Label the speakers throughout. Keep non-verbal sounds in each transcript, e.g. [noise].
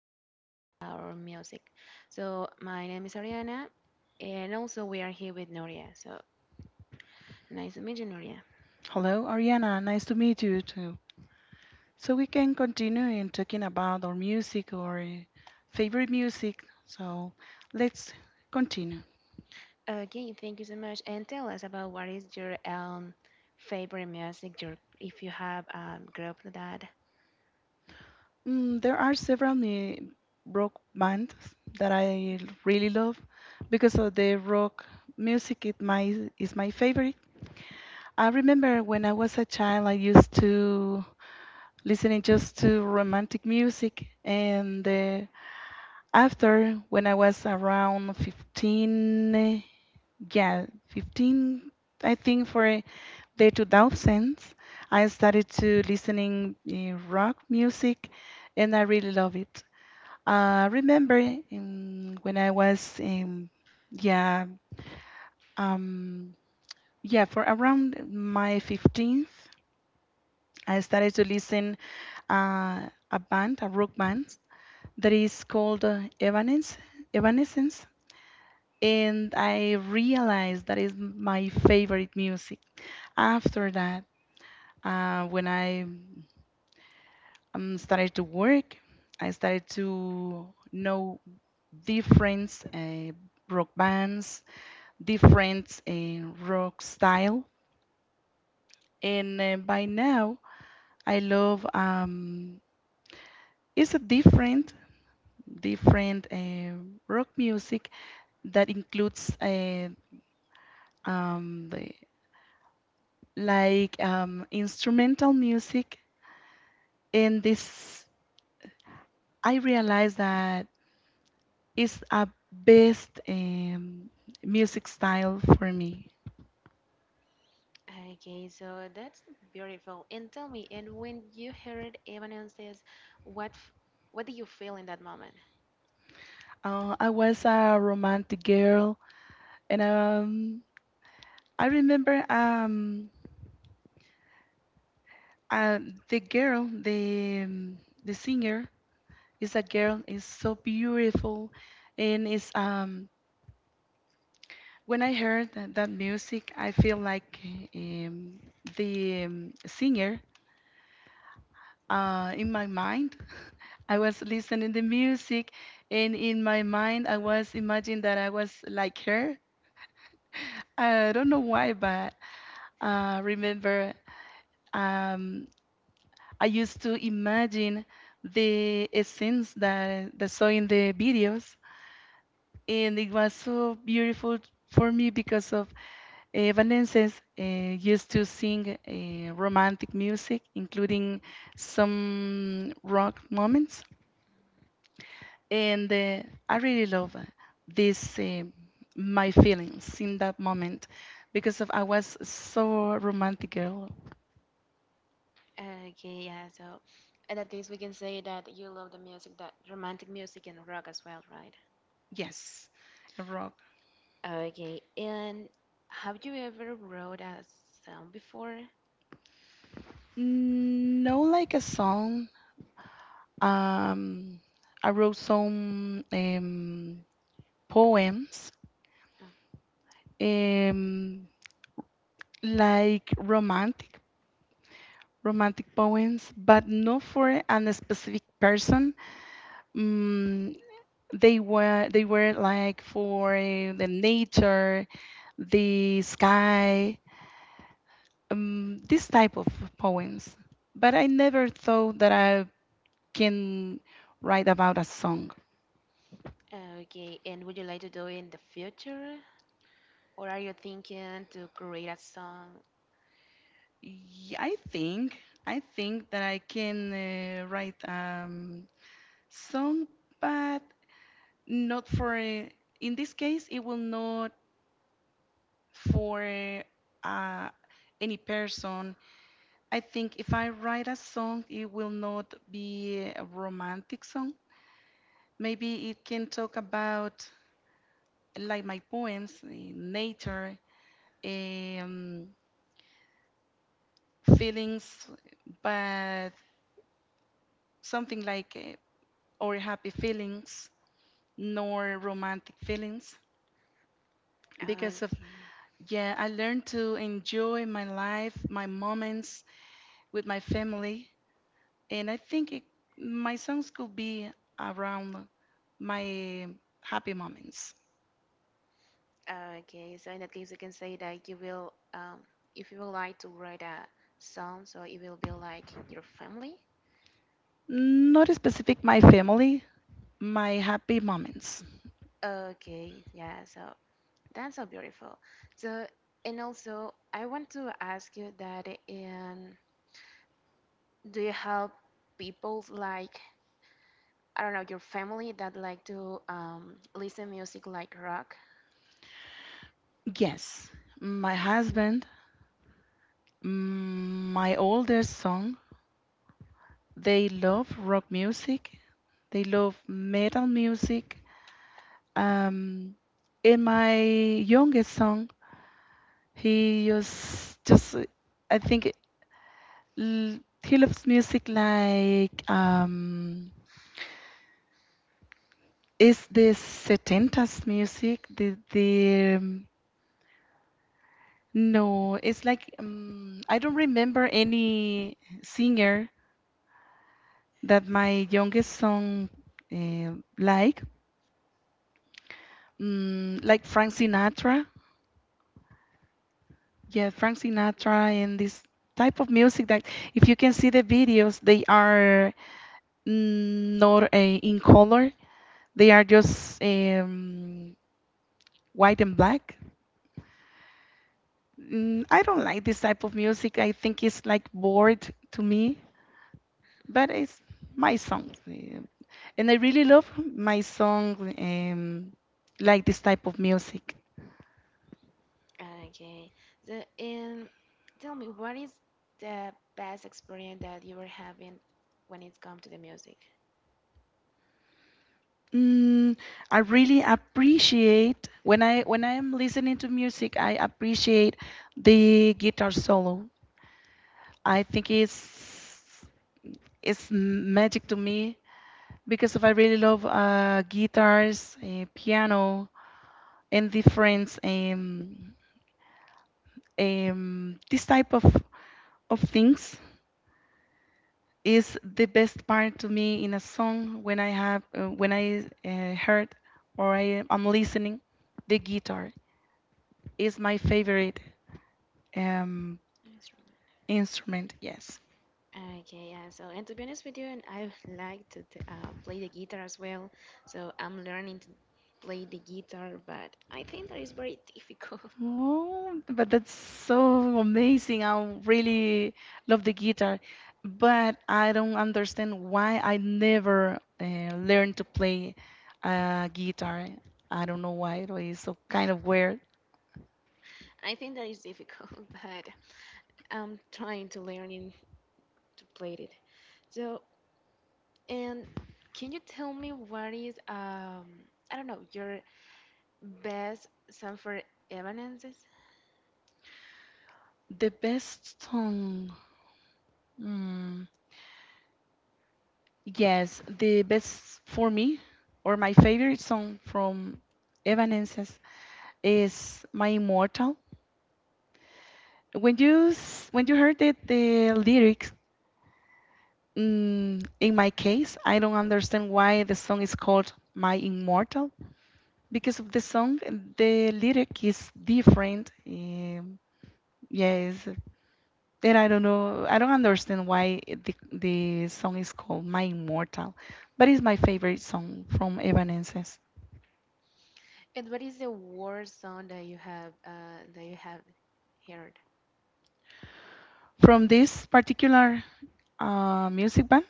Speaker 1: talking about our music. So, my name is Ariana, and also we are here with Nuria. So, nice to meet you, Nuria.
Speaker 2: Hello, Ariana. Nice to meet you too. So we can continue in talking about our music or favorite music. So let's continue.
Speaker 1: Okay, thank you so much. And tell us about what is your favorite music, your, if you have a group that.
Speaker 2: There are several rock bands that I really love because of the rock music. It my is my favorite. I remember when I was a child, I used to listening just to romantic music, and after when I was around 15. Yeah, 15, I think for the 2000s, I started to listening rock music and I really love it. I remember when I was, yeah, um, yeah, for around my 15th, I started to listen uh, a band, a rock band that is called Evanescence, and I realized that is my favorite music. After that, when I started to work, I started to know different rock bands, different rock style, and by now I love it's a different rock music that includes the, like instrumental music, and this I realized that it's a best music style for me.
Speaker 1: Okay, okay, so that's beautiful. And tell me, and when you heard Evanescence, what f- what did you feel in that moment?
Speaker 2: I was a romantic girl, and I remember uh, the girl, the singer is a girl, is so beautiful, and is when I heard that, that music, I feel like um, the singer in my mind. I was listening the music, and in my mind, I was imagining that I was like her. I don't know why, but remember, um, I used to imagine the scenes that that saw in the videos, and it was so beautiful for me because of Vanenses used to sing romantic music, including some rock moments and I really love this my feelings in that moment because of I was so romantic girl.
Speaker 1: Okay, yeah. So, in that case, we can say that you love the music, that romantic music and rock as well, right?
Speaker 2: Yes, a rock.
Speaker 1: Okay. And have you ever wrote a song before?
Speaker 2: Mm, no, like a song. Um, I wrote some poems,
Speaker 1: Oh,
Speaker 2: um, like romantic, romantic poems, but not for a specific person. Mm, they were like for the nature the sky, this type of poems. But I never thought that I can write about a song.
Speaker 1: okay. And would you like to do it in the future, or are you thinking to create a song?
Speaker 2: Y- I think I think that I can write song, but not for in this case it will not for uh, any person. I think if I write a song, it will not be a romantic song. Maybe it can talk about like my poems, nature, um, feelings, but something like or happy feelings, nor romantic feelings. Because of,
Speaker 1: Okay.
Speaker 2: yeah, I learned to enjoy my life, my moments with my family. And I think it, my songs could be around my happy moments.
Speaker 1: Okay. So in that case, we can say that you will, if you would like to write a song, so it will be like your family.
Speaker 2: Not specific my family, my happy moments.
Speaker 1: Okay. Yeah. So. That's so beautiful. So, and also, I want to ask you that do you help people like, I don't know, your family that like to listen music like rock?
Speaker 2: Yes, my husband, mm, my older son, they love rock music, they love metal music. Um, and my youngest son, he just I think he loves music like it's the setentas music. The no, it's like I don't remember any singer that my youngest son like mm, like Frank Sinatra. Yeah, Frank
Speaker 1: Mhm.
Speaker 2: Sinatra and this type of music that if you can see the videos, they are mm, not in color. They are just white and black. Mm, I don't like this type of music. I think it's like bored to me, but it's my song. And I really love my song, like this type of music.
Speaker 1: Okay. So, and tell me, what is the best experience that you were having when it comes to the music?
Speaker 2: Mm, I really appreciate when I am listening to music, I appreciate the guitar solo. I think it's magic to me because of I really love guitars, piano, and different this type of things is the best part to me in a song when I have when I heard or I am listening the guitar is my favorite um
Speaker 1: Instrument.
Speaker 2: instrument. Yes.
Speaker 1: Okay, yeah. So, and to be honest with you, and I would like to play the guitar as well. So, I'm learning to play the guitar, but I think that is very difficult.
Speaker 2: Oh, but that's so amazing, I really love the guitar, but I don't understand why I never learned to play guitar. I don't know why, it is so kind of weird.
Speaker 1: [laughs] I think that is difficult, [laughs] but I'm trying to learn in, to play it. So, and can you tell me what is I don't know your best song for Evanescence,
Speaker 2: The best song, mm, yes, the best for me or my favorite song from Evanescence is My Immortal. When you when you heard it, the lyrics mm, in my case, I don't understand why the song is called My Immortal because of the song, the lyric is different. Yes, and I don't know, I don't understand why the song is called My Immortal, but it's my favorite song from Evanescence.
Speaker 1: and what is the worst song that you have heard?
Speaker 2: From this particular music band,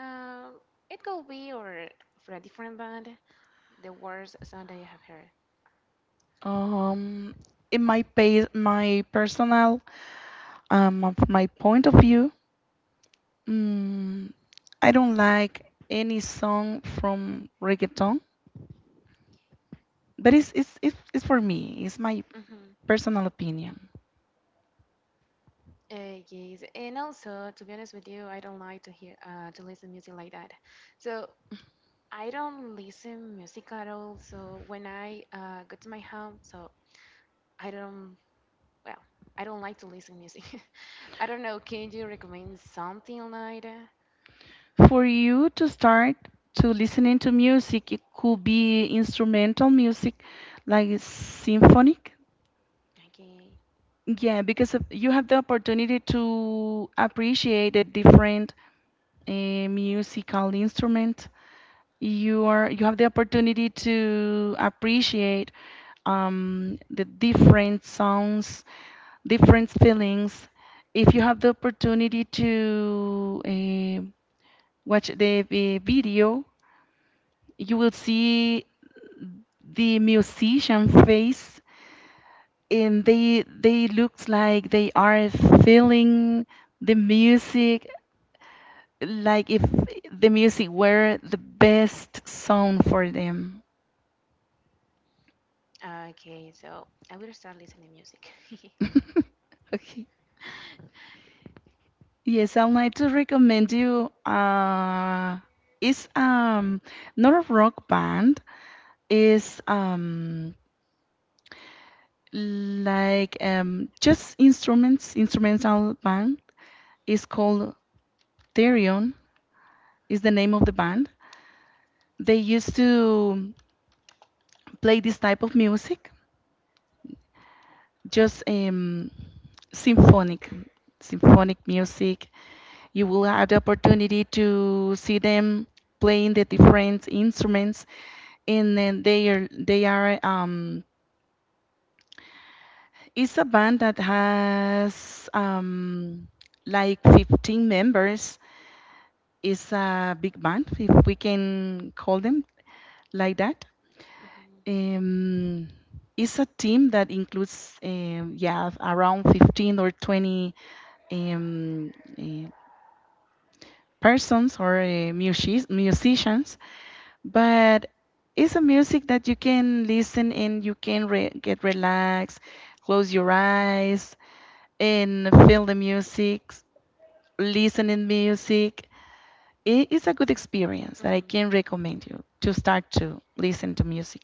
Speaker 1: Um, it could be or for a different band. The worst sound I have heard.
Speaker 2: um, in my pa my personal, of my point of view, mm, I don't like any song from reggaeton, but it's, it's for me. It's my
Speaker 1: Hmm.
Speaker 2: personal opinion.
Speaker 1: Yes, and also to be honest with you, I don't like to hear to listen music like that. So I don't listen music at all. So when I go to my home, so I don't well, I don't like to listen music. [laughs] I don't know. Can you recommend something like that?
Speaker 2: For you to start to listening to music, it could be instrumental music, like symphonic.
Speaker 1: Okay,
Speaker 2: Yeah, because of, you have the opportunity to appreciate a different uh, musical instrument. You have the opportunity to appreciate the different sounds, different feelings. If you have the opportunity to watch the video, you will see the musician face, and they looks like they are feeling the music, like if the music were the best song for them. [laughs]
Speaker 1: okay. So I will start listening music. [laughs]
Speaker 2: Okay. Yes, I'd like to recommend you. It's not a rock band. It's like just instruments, instrumental band. It's called Therion. Is the name of the band. They used to play this type of music, just symphonic, symphonic music. You will have the opportunity to see them playing the different instruments, and then they are it's a band that has like 15 members. It's a big band if we can call them like that.
Speaker 1: Hmm
Speaker 2: um it's a team that includes yeah around 15 or 20 um eh, persons or musicians, but it's a music that you can listen and you can get relaxed, close your eyes and feel the music, listening music. It is a good experience that I
Speaker 1: hmm.
Speaker 2: can recommend you to start to listen to music.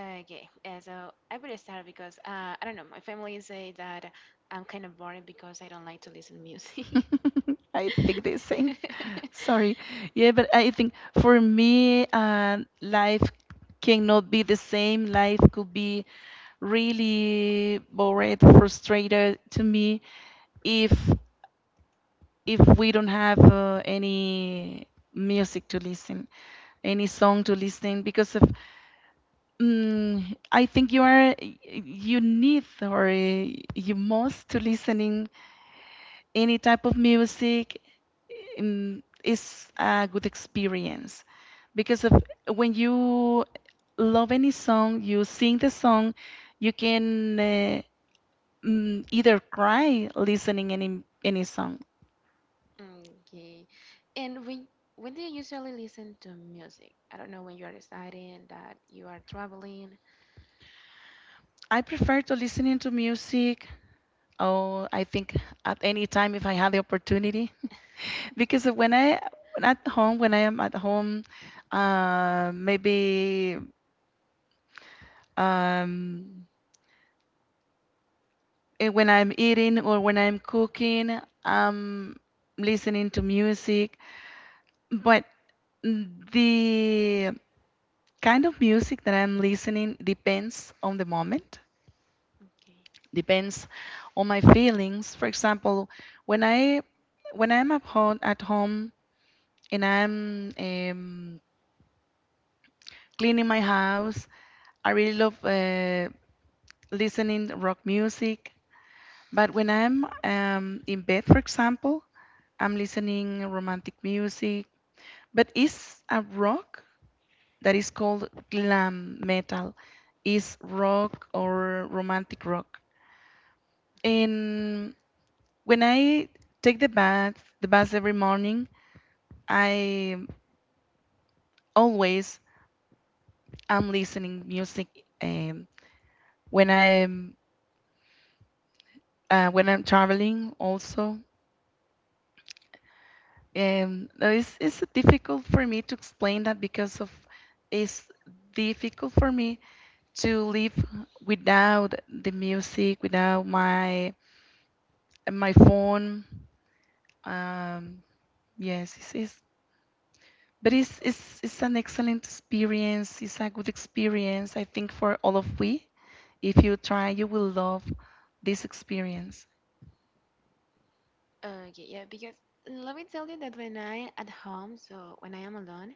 Speaker 1: Okay, yeah, so I will start because I don't know. My family say that I'm kind of boring because I don't like to listen music.
Speaker 2: [laughs] I think the same.
Speaker 1: [laughs]
Speaker 2: Sorry. Yeah, but I think for me, life cannot be the same. Life could be really bored, frustrated to me if if we don't have any music to listen, any song to listen, because of. Mm, I think you need or you must to listening any type of music, is a good experience because of when you love any song, you sing the song, you can either cry listening any song.
Speaker 1: Okay, and when do you usually listen to music? I don't know when you are deciding that you are traveling.
Speaker 2: I prefer to listening to music. Oh, I think at any time if I had the opportunity. Because when at home, when I am at home, maybe um, when I'm eating or when I'm cooking, I'm listening to music. But the kind of music that I'm listening depends on the moment,
Speaker 1: Okay.
Speaker 2: depends on my feelings. For example, when I when I'm at home and I'm cleaning my house, I really love listening rock music. But when I'm in bed, for example, I'm listening romantic music. But it's a rock that is called glam metal. Is rock or romantic rock.
Speaker 1: Mhm.
Speaker 2: And when I take the bath every morning, I always am listening music. Um, when I'm when I'm traveling, also no, it's difficult for me to explain that because of it's difficult for me to live without the music, without my my phone. Um, yes, it's but it's an excellent experience. It's a good experience, I think, for all of we. If you try, you will love this experience.
Speaker 1: Okay, yeah, because let me tell you that when I at home, so when I am alone,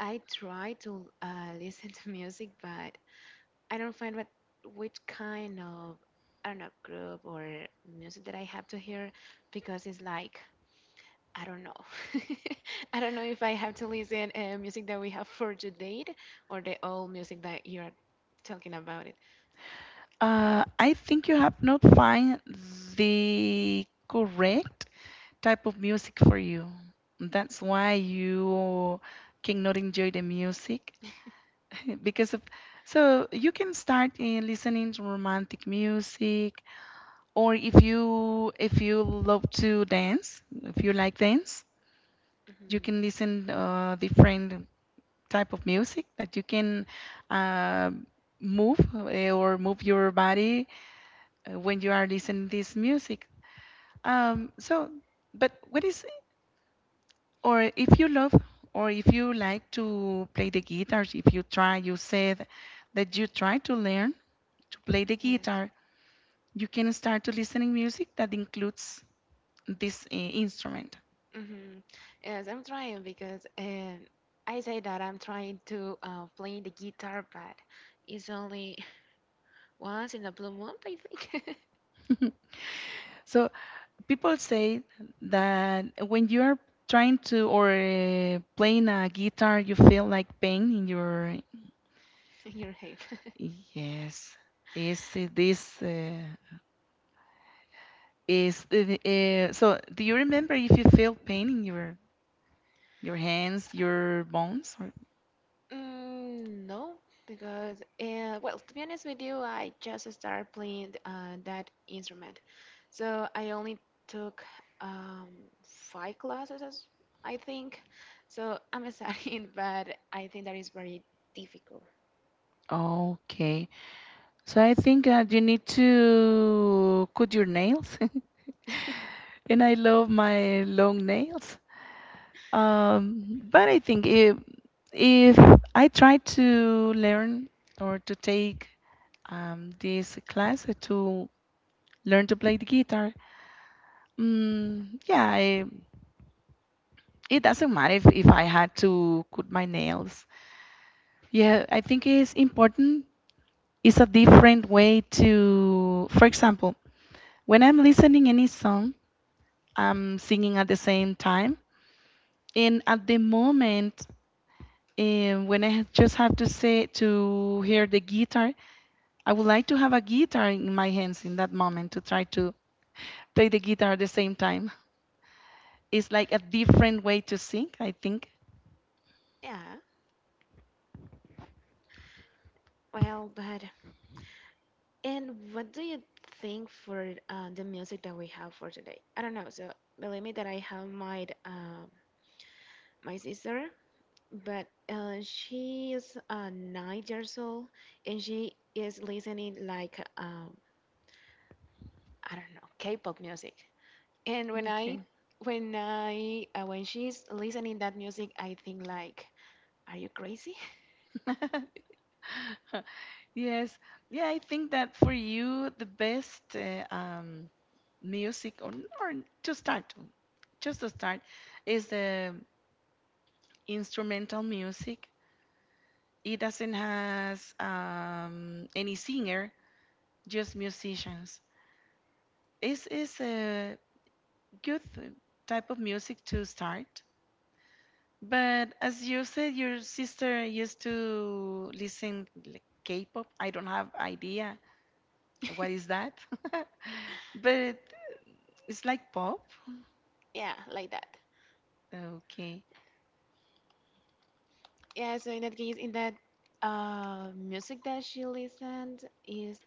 Speaker 1: I try to [laughs] listen to music, but I don't find what which kind of I don't know group or music that I have to hear because it's like I don't know. [laughs] I don't know if I have to listen music that we have for today or the old music that you're talking about it.
Speaker 2: I think you have not find the correct type of music for you. That's why you cannot enjoy the music. [laughs] Because of, so you can start in listening to romantic music, or if you love to dance, if you like dance, you
Speaker 1: Mhm.
Speaker 2: can listen different type of music that you can uh, move or move your body when you are listening this music. So, but what is, or if you love, or if you like to play the guitar, if you try, you said that you try to learn to play the
Speaker 1: Yes.
Speaker 2: guitar, you can start to listening music that includes this instrument.
Speaker 1: Mm-hmm. Yes, I'm trying because I say that I'm trying to play the guitar, but it's only [laughs] once in a blue moon, I think.
Speaker 2: So people say that when you are trying to or playing a guitar, you feel like pain in your,
Speaker 1: [laughs] Your head. [laughs]
Speaker 2: yes. Is it this is so? Do you remember if you feel pain in your hands, your bones? Or
Speaker 1: No, because well, to be honest with you, I just started playing that instrument, so I only took um, 5 classes, as I think. So I'm studying, [laughs] but I think that is very difficult.
Speaker 2: okay. So I think that you need to cut your nails. [laughs] And I love my long nails. But I think if I try to learn or to take this class to learn to play the guitar, mm, yeah, I, it doesn't matter if I had to cut my nails. Yeah, I think it's important. It's a different way to, for example, when I'm listening any song. I'm singing at the same time. And at the moment, when I just have to say to hear the guitar, I would like to have a guitar in my hands in that moment to try to play the guitar at the same time. It's like a different way to sing, I think.
Speaker 1: Yeah. Well, but and what do you think for the music that we have for today? I don't know. So believe me that I have my my sister, but she is 9 years old and she is listening like I don't know K-pop music. And
Speaker 2: Okay.
Speaker 1: when she's listening that music, I think like, are you crazy?
Speaker 2: [laughs] Yes. Yeah, I think that for you, the best music or to start, just to start, is the instrumental music. It doesn't has any singer, just musicians. It's a good type of music to start. But as you said, your sister used to listen like K-pop. I don't have idea what is
Speaker 1: [laughs]
Speaker 2: that, [laughs] but it's like pop.
Speaker 1: Yeah, like that.
Speaker 2: Okay.
Speaker 1: Yeah, so in that case, in that music that she listened is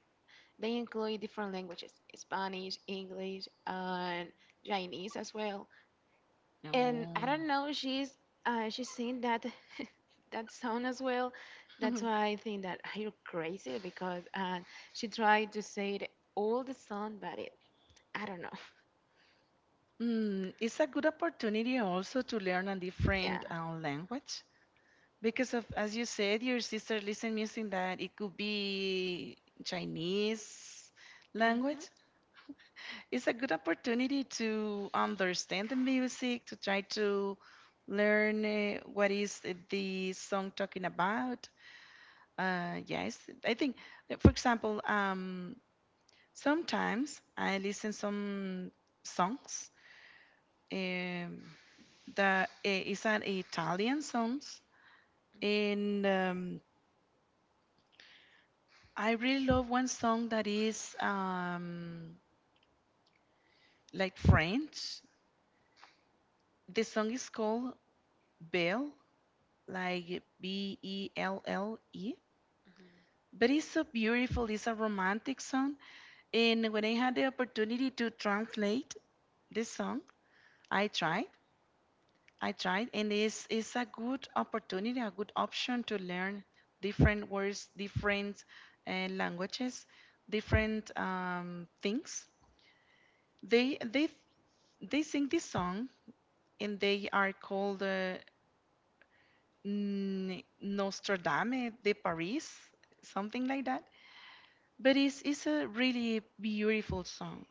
Speaker 1: they include different languages, Spanish, English, and Chinese as well. And I
Speaker 2: No.
Speaker 1: don't know, she's seen that [laughs] that sound as well. That's
Speaker 2: [laughs]
Speaker 1: why I think that you're crazy because she tried to say it all the sound, but it, I don't know. [laughs]
Speaker 2: Mm, it's a good opportunity also to learn a
Speaker 1: Yeah.
Speaker 2: different language. Because of, as you said, your sister listen music that it could be Chinese language.
Speaker 1: Mm-hmm.
Speaker 2: It's a good opportunity to understand the music, to try to learn what is the song talking about. Yes, I think, for example, sometimes I listen some songs um, that is an Italian songs and. I really love one song that is like French. The song is called Belle, like Belle.
Speaker 1: Hmm.
Speaker 2: But it's so beautiful. It's a romantic song. And when I had the opportunity to translate this song, I tried. I tried. And it's a good opportunity, a good option to learn different words, different languages, different things. They, they, they sing this song and they are called Nostradame de Paris, something like that. But it's a really beautiful song.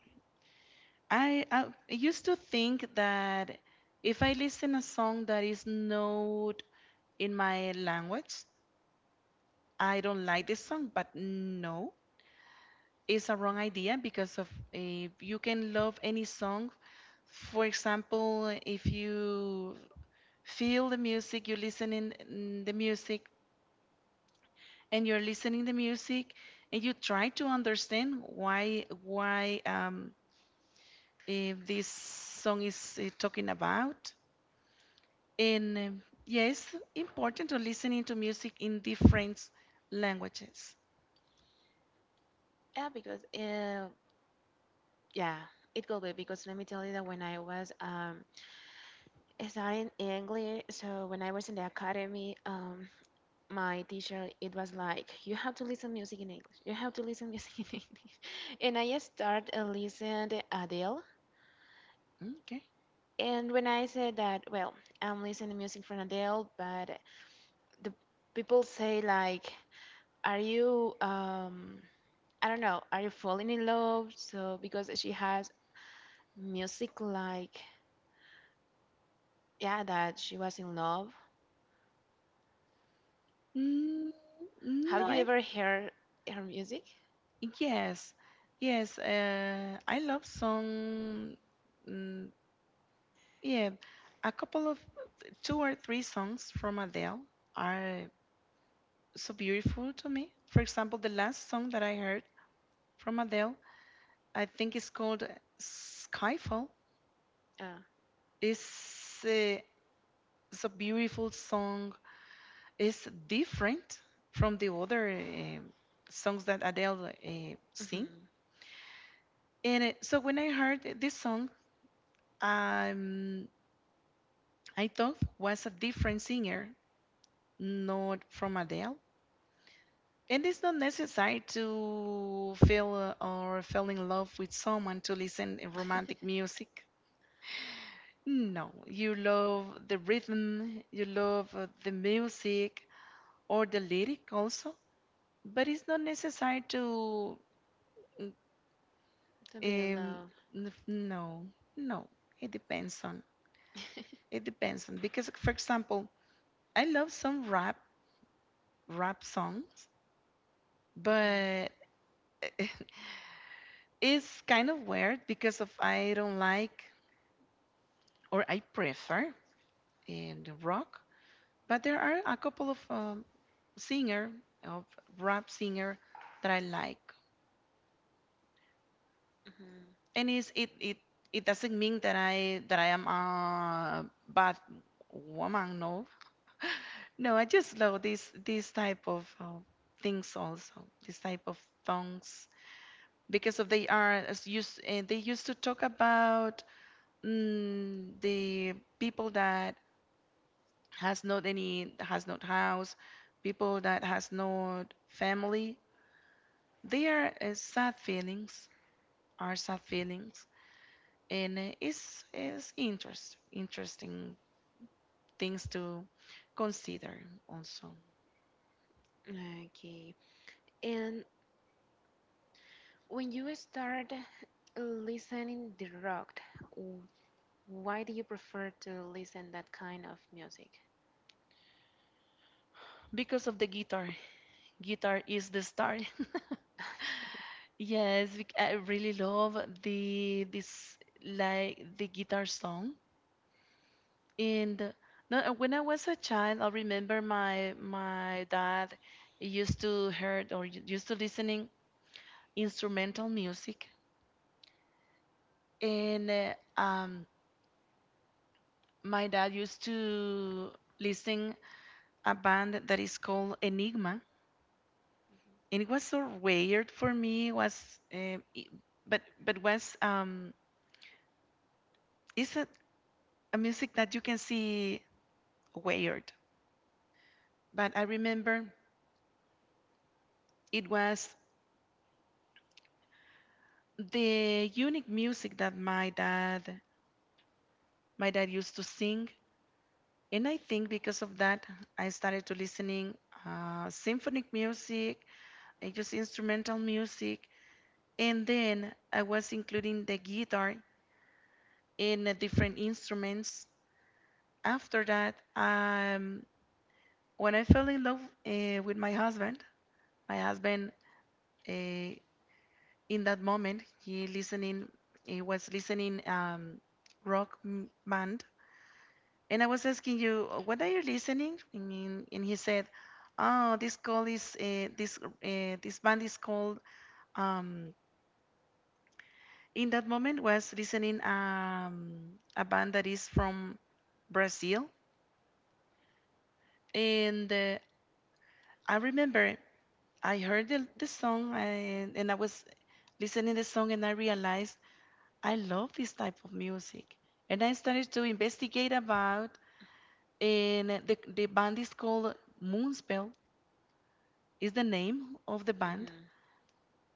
Speaker 2: I used to think that if I listen a song that is not in my language, I don't like this song, but no, it's a wrong idea because of if you can love any song. For example, if you feel the music, you listen in the music and you're listening the music and you try to understand why, if this song is talking about. And yeah, it's important to listening to music in different languages.
Speaker 1: Yeah, because yeah, it could be because let me tell you that when I was studying English, so when I was in the academy, my teacher it was like you have to listen music in English, you have to listen music in [laughs] English, and I started listening to Adele,
Speaker 2: Okay.
Speaker 1: and when I said that well I'm listening music from Adele but the people say like are you I don't know are you falling in love so because she has music like yeah that she was in love.
Speaker 2: Mm.
Speaker 1: Have
Speaker 2: No.
Speaker 1: you ever heard her music?
Speaker 2: Yes, yes. I love song. Mm, yeah, a couple of two or three songs from Adele are so beautiful to me. For example, the last song that I heard from Adele, I think it's called Skyfall.
Speaker 1: uh,
Speaker 2: It's, uh, it's a beautiful song. It's different from the other songs that Adele sing.
Speaker 1: mm-hmm.
Speaker 2: And so when I heard this song, um, I thought was a different singer, not from Adele. And it's not necessary to feel or fall in love with someone to listen romantic music. No, you love the rhythm, you love the music or the lyric also, but it's not necessary to. mm,
Speaker 1: To be in
Speaker 2: Um,
Speaker 1: love.
Speaker 2: no, no, it depends on.
Speaker 1: [laughs]
Speaker 2: It depends on because, for example, I love some rap songs,
Speaker 1: Mhm,
Speaker 2: but [laughs] it's kind of weird because of I don't like or I prefer the rock, but there are a couple of singer of rap singer that I like
Speaker 1: mhm.
Speaker 2: and it's, it doesn't mean that I am a bad woman. No, no, I just love this type of things, also this type of songs because of they are as used, they used to talk about the people that has not any has not house, people that has not family, they are sad feelings our sad feelings, and it's interesting things to consider also.
Speaker 1: Okay. And when you start listening the rock, w- why do you prefer to listen that kind of music?
Speaker 2: Because of the guitar is the star. [laughs]
Speaker 1: [laughs]
Speaker 2: Yes, I really love the this like the guitar song. And no, when I was a child, I remember my dad used to heard or used to listening instrumental music, and my dad used to listen a band that is called Enigma, and it
Speaker 1: Okay.
Speaker 2: was so weird for me. It was, I- but was it's a music that you can see weird. But I remember it was the unique music that my dad used to sing, and I think because of that I started to listening symphonic music, and just instrumental music, and then I was including the guitar in different instruments after that. When I fell in love with my husband, my husband, uh, in that moment he was listening rock band, and I was asking you, What are you listening?" And he said, oh, this band is called. Um, in that moment, was listening a band that is from Brazil, and I remember I heard the song, and I was listening the song and I realized I love this type of music. And I started to investigate about, and the band is called Moonspell is the name of the
Speaker 1: Mhm,
Speaker 2: band.
Speaker 1: hmm.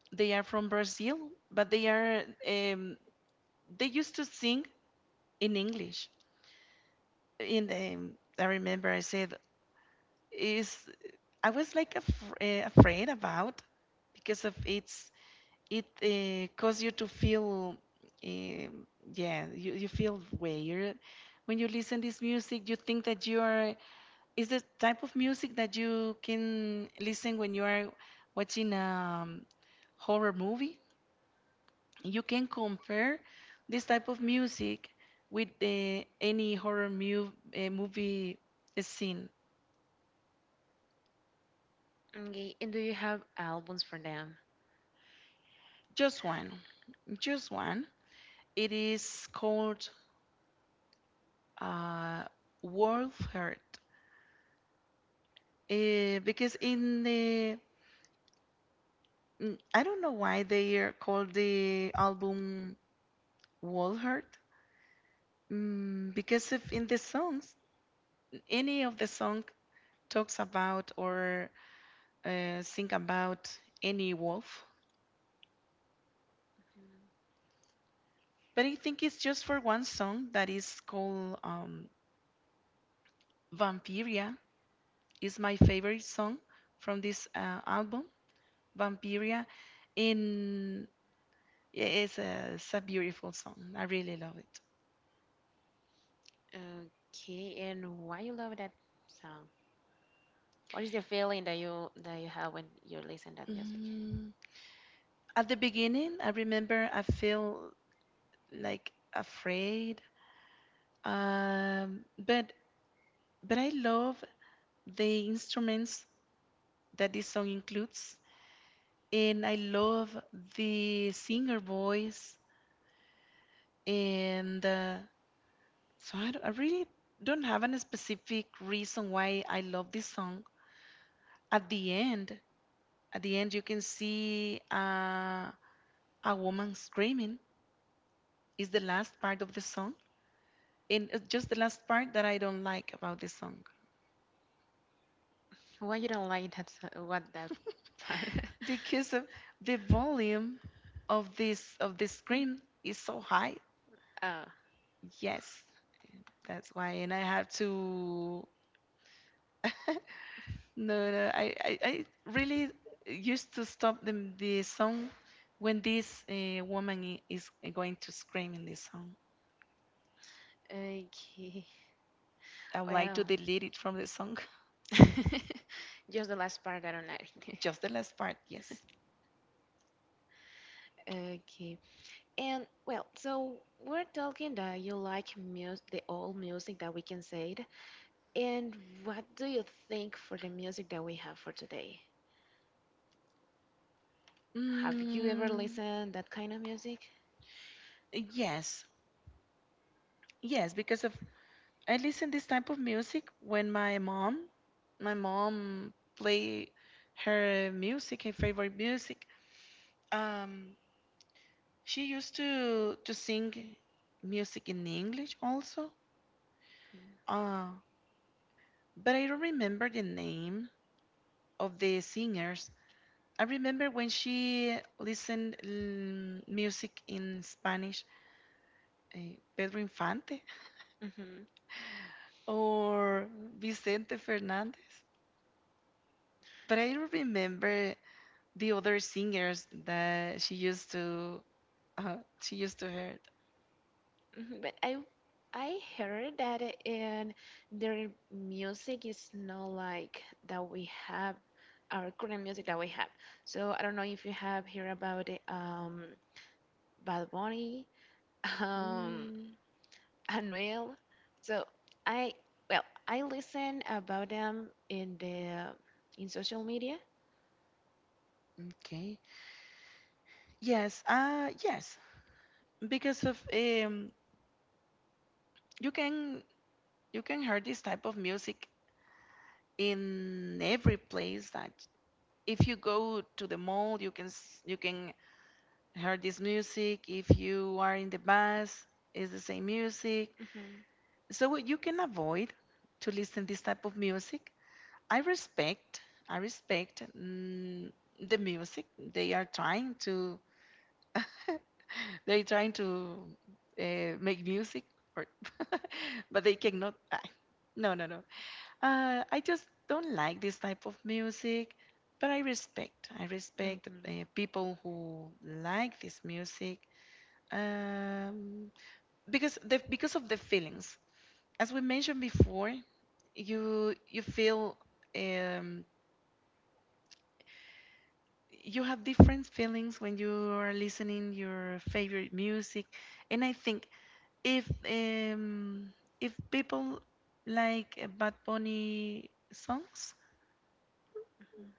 Speaker 2: They are from Brazil, but they used to sing in English. In I remember I said is I was like afraid about because of its it causes you to feel um, yeah, you feel weird when you listen this music. You think that you are is the type of music that you can listen when you are watching a um, horror movie. You can compare this type of music with any horror movie scene.
Speaker 1: Okay. And do you have albums for them?
Speaker 2: Just one just one, it is called uh, Wolf Heart. Because I don't know why they are called the album Wall Hurt. Because if in the songs, any of the song talks about or sing about any wolf,
Speaker 1: Mhm.
Speaker 2: but I think it's just for one song, that is called Vampiria. Is my favorite song from this album, Vampiria. In it's a beautiful song. I really love it.
Speaker 1: Okay. And why you love that song? What is the feeling that you have when you listen that music?
Speaker 2: Mm. At the beginning, I remember I feel like afraid, um, but but I love the instruments that this song includes, and I love the singer voice, and so I really don't have any specific reason why I love this song. At the end, at the end, you can see a woman screaming. Is the last part of the song, and it's just the last part that I don't like about this song,
Speaker 1: Why you don't like that what that part? [laughs]
Speaker 2: because of the volume of this of the screen is so high.
Speaker 1: Oh,
Speaker 2: Yes, that's why, and I have to. [laughs] No, no, I really used to stop the song when this woman is going to scream in the song.
Speaker 1: okay.
Speaker 2: I would like to
Speaker 1: Well,
Speaker 2: delete it from the song.
Speaker 1: [laughs] just the last part I don't like.
Speaker 2: [laughs]
Speaker 1: [laughs]
Speaker 2: Just the last part, yes.
Speaker 1: Okay. And well, so we're talking that you like music, the old music that we can say it. And what do you think for the music that we have for today? Have you ever
Speaker 2: Mm,
Speaker 1: listened that kind of music?
Speaker 2: yes, yes, because of I listen this type of music when my mom play her music, her favorite music. Um, she used to sing music in English also. Uh, but I don't remember the name of the singers. I remember when she listened music in Spanish, Pedro Infante
Speaker 1: Mm-hmm.
Speaker 2: or Vicente Fernandez. But I don't remember the other singers that she used to hear.
Speaker 1: Mhm. But I heard that in their music is not like that we have our current music that we have. So I don't know if you have heard about it, Bad Bunny, [laughs] um
Speaker 2: Mm.
Speaker 1: Anuel. So I well I listen about them in the in social media.
Speaker 2: Okay. Yes. Yes. Because of you can you can hear this type of music in every place, that if you go to the mall, you can you can hear this music. If you are in the bus, it's the same music,
Speaker 1: Hmm
Speaker 2: so you can avoid to listen this type of music. I respect, I respect the music. They are trying to, [laughs] they're trying to make music, or [laughs] but they cannot. No, no, no. I just don't like this type of music, but I respect
Speaker 1: hmm
Speaker 2: people who like this music, um, because of the feelings. As we mentioned before, you feel. um you have different feelings when you are listening your favorite music, and I think if um if people like Bad Bunny songs,
Speaker 1: hmm.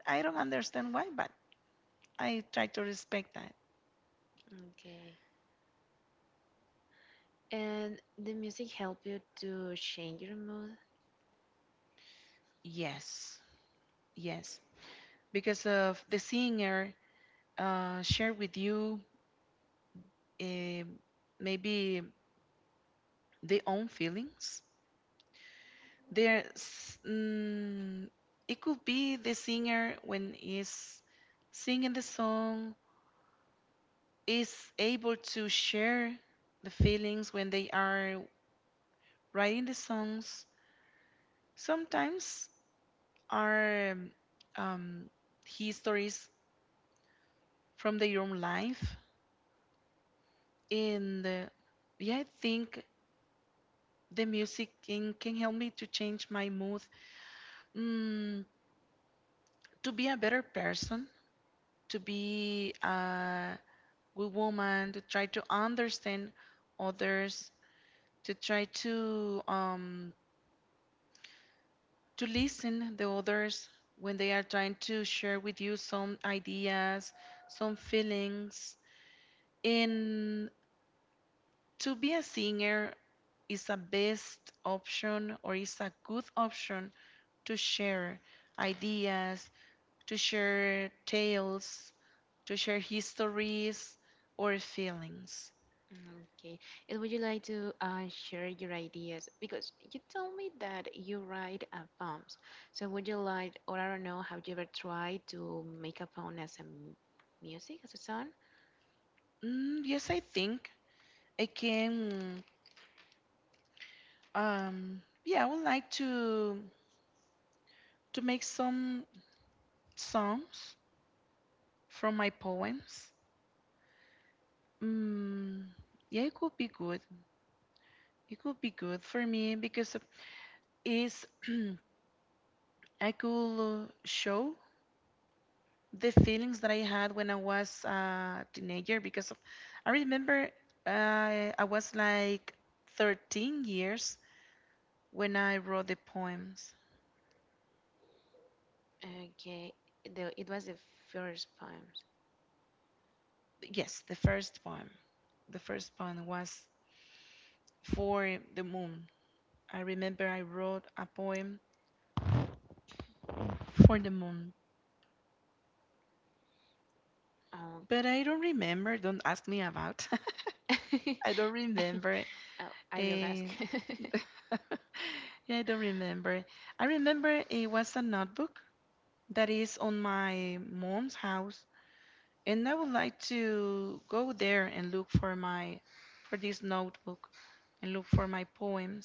Speaker 2: I don't understand why, but I try to respect that.
Speaker 1: Okay. And the music help you to change your mood?
Speaker 2: Yes, yes, because of the singer share with you um maybe their own feelings. There's, mm, it could be the singer when he's singing the song is able to share the feelings when they are writing the songs. Sometimes are um, histories from their own life. And yeah, I think the music can help me to change my mood, mm, to be a better person, to be. Good woman, to try to understand others, to try to listen the others when they are trying to share with you some ideas, some feelings. And to be a singer is a best option or is a good option to share ideas, to share tales, to share histories or feelings.
Speaker 1: Mm. Okay. And would you like to share your ideas? Because you told me that you write poems. So would you like, or I don't know, have you ever tried to make a poem as a music, as a song?
Speaker 2: Mm, yes, I think I can. Yeah, I would like to make some songs from my poems. Mm, yeah, it could be good. It could be good for me because is [clears throat] I could show the feelings that I had when I was a teenager. Because of, I remember I was like 13 years when I wrote the poems.
Speaker 1: Okay. The, it was the first poems.
Speaker 2: Yes, the first poem. The first poem was for the moon. I remember I wrote a poem for the moon, but I don't remember. Don't ask me about.
Speaker 1: Oh.
Speaker 2: [laughs] I don't
Speaker 1: [laughs]
Speaker 2: remember.
Speaker 1: Oh, I will
Speaker 2: And
Speaker 1: ask. [laughs]
Speaker 2: [laughs] yeah, I don't remember. I remember it was a notebook that is on my mom's house, and I would like to go there and look for my for this notebook and look for my poems.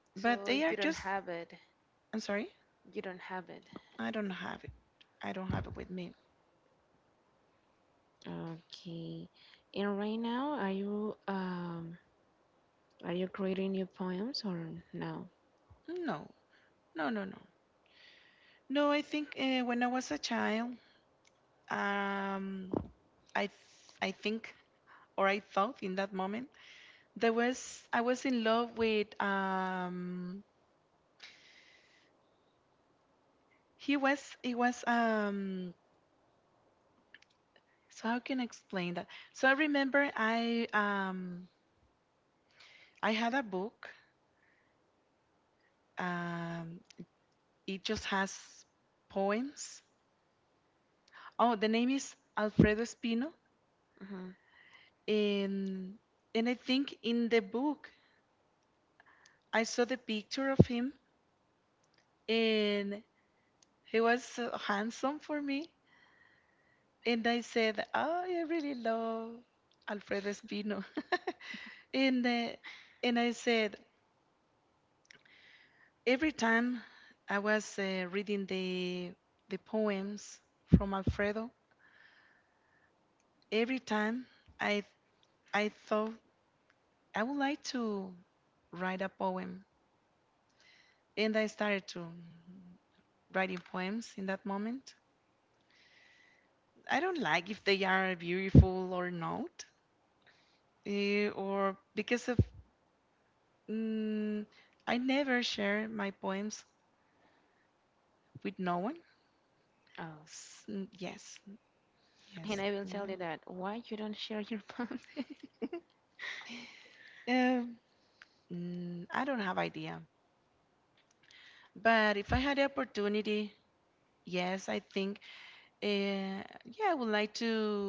Speaker 2: But they
Speaker 1: So
Speaker 2: are
Speaker 1: you
Speaker 2: just.
Speaker 1: don't have it.
Speaker 2: I'm sorry.
Speaker 1: You don't have it.
Speaker 2: I don't have it. I don't have it with me.
Speaker 1: Okay. And right now, are you are you creating new poems or no?
Speaker 2: No, no, no, no. No, I think when I was a child, um, I think or I thought in that moment there was I was in love with he was it was so how can I explain that? So I remember I had a book. Um, it just has poems. Oh, the name is Alfredo Espino,
Speaker 1: Hmm.
Speaker 2: and and I think in the book I saw the picture of him. And he was so handsome for me. And I said, oh, I really love Alfredo Espino. [laughs] and, uh, and I said, every time I was reading the poems from Alfredo, every time I, I thought I would like to write a poem. And I started to writing poems in that moment. I don't like if they are beautiful or not, or because of Mm, I never share my poems with no one.
Speaker 1: Oh,
Speaker 2: Yes, yes,
Speaker 1: and I
Speaker 2: you
Speaker 1: will
Speaker 2: know.
Speaker 1: tell you that why you don't share your poems. [laughs]
Speaker 2: [laughs] Um, I don't have idea. But if I had the opportunity, yes, I think, uh, yeah, I would like to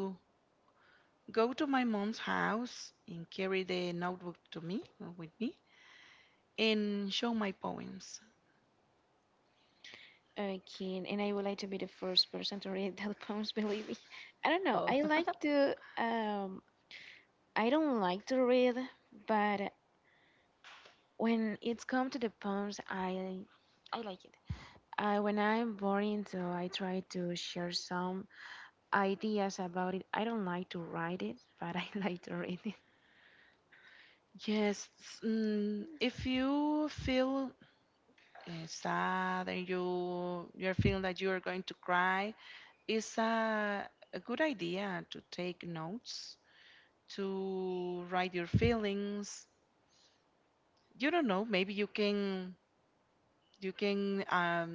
Speaker 2: go to my mom's house and carry the notebook to me or with me and show my poems.
Speaker 1: Okay, and I would like to be the first person to read that [laughs] poems. Believe me, I don't
Speaker 2: Oh,
Speaker 1: know. I like to. I don't like to read, but when it's come to the poems, I like it. I when I'm boring, so I try to share some ideas about it. I don't like to write it, but I [laughs] like to read
Speaker 2: [laughs] Yes, if you feel sad and you're feeling that you are going to cry, it's a good idea to take notes, to write your feelings. You don't know, maybe you can um,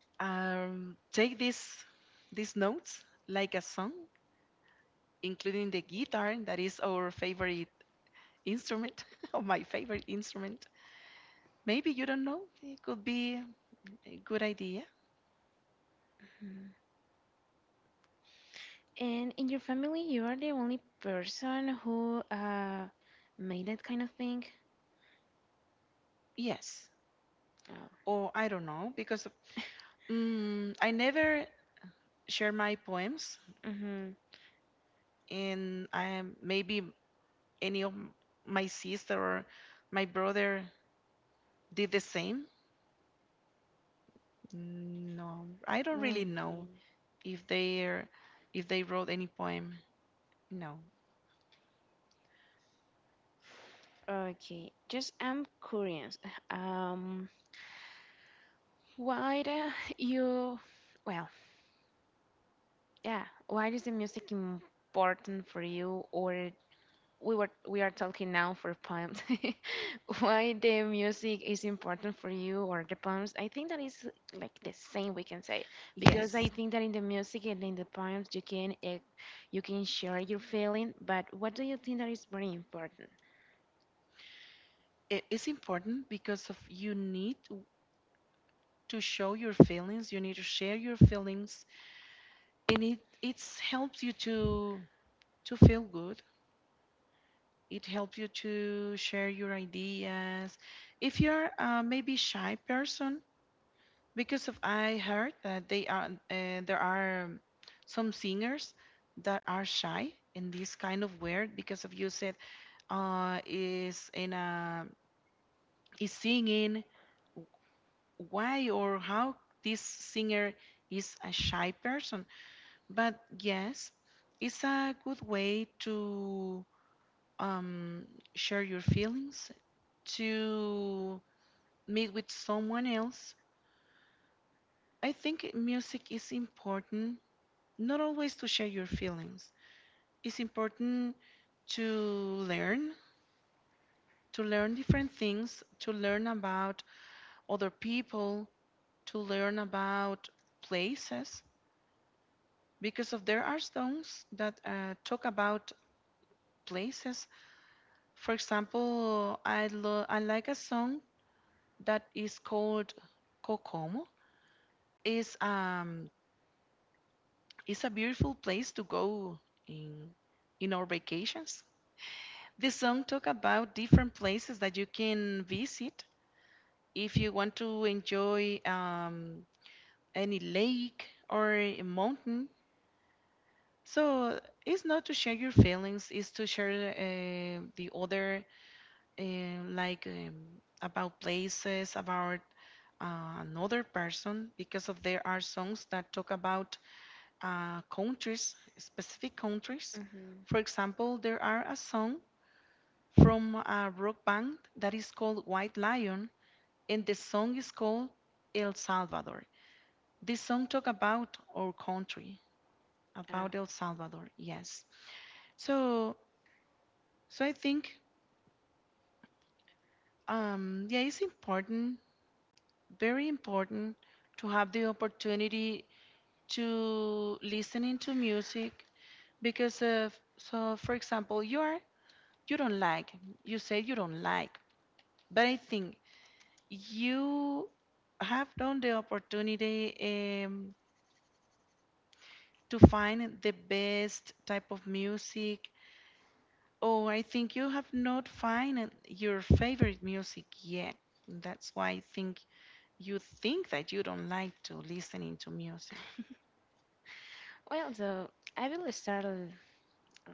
Speaker 2: um, take this these notes like a song, including the guitar that is our favorite instrument [laughs] or my favorite instrument. Maybe you don't know, it could be a good idea.
Speaker 1: it. And in your family, you are the only person who made that kind of thing?
Speaker 2: Yes,
Speaker 1: Oh,
Speaker 2: or I don't know because I never share my poems
Speaker 1: mm-hmm.
Speaker 2: and I maybe any of my sister or my brother did the same? No, I don't really know if they wrote any poem. No.
Speaker 1: Okay. Just I'm curious. [laughs] Um, why the you well, yeah, why is the music important for you or we were we are talking now for poems. [laughs] Why the music is important for you or the poems? I think that is like the same we can say
Speaker 2: Yes,
Speaker 1: because I think that in the music and in the poems you can you can share your feeling. But what do you think that is very important?
Speaker 2: it is important because of you need to show your feelings. You need to share your feelings, and it helps you to feel good. It helps you to share your ideas. If you're maybe shy person, because of I heard that they are there are some singers that are shy in this kind of weird because of you said is in a is singing why or how this singer is a shy person but yes it's a good way to um share your feelings to meet with someone else. I think music is important not always to share your feelings. It's important to learn, to learn different things, to learn about other people, to learn about places, because of there are songs that talk about places. For example, I like a song that is called Kokomo. It's um it's a beautiful place to go in in our vacations. This song talk about different places that you can visit if you want to enjoy any lake or a mountain. So it's not to share your feelings, it's to share the other like about places, about another person because of there are songs that talk about countries, specific countries. For
Speaker 1: Hmm.
Speaker 2: example, there are a song from a rock band that is called White Lion, and the song is called El Salvador. This song talk about our country, about El
Speaker 1: Uh,
Speaker 2: Salvador. Yes. So, so I think, yeah, it's important, very important, to have the opportunity to listening to music because of so for example you don't like you say you don't like but I think you have done the opportunity to find the best type of music, or I think you have not found your favorite music yet. That's why I think you think that you don't like to listening to music.
Speaker 1: well, so I will start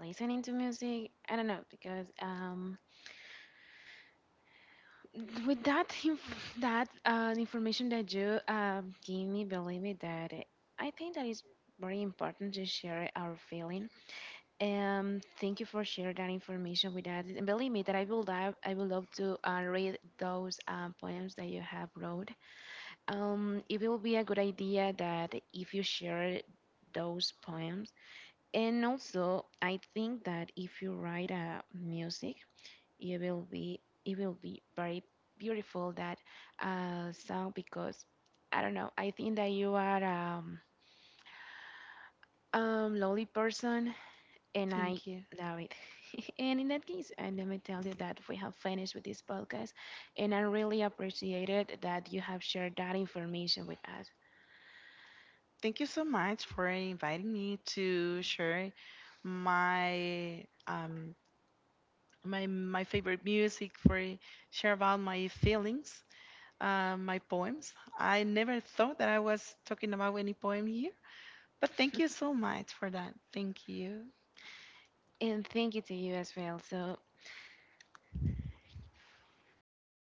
Speaker 1: listening to music. I don't know because with that information that you gave me, believe me that it- I think that is very important to share our feeling. Um, thank you for sharing that information with us. And believe me that I will love to read those poems that you have wrote. It will be a good idea that if you share those poems, and also I think that if you write a music it will be very beautiful that song because I don't know. I think that you are lonely person, and
Speaker 2: Thank you.
Speaker 1: I love it. [laughs] And in that case, and let me tell you that we have finished with this podcast, and I really appreciated that you have shared that information with us.
Speaker 2: Thank you so much for inviting me to share my um, my favorite music for share about my feelings. My poems. I never thought that I was talking about any poem here, but thank you so much for that. Thank you.
Speaker 1: And thank you to you as well. So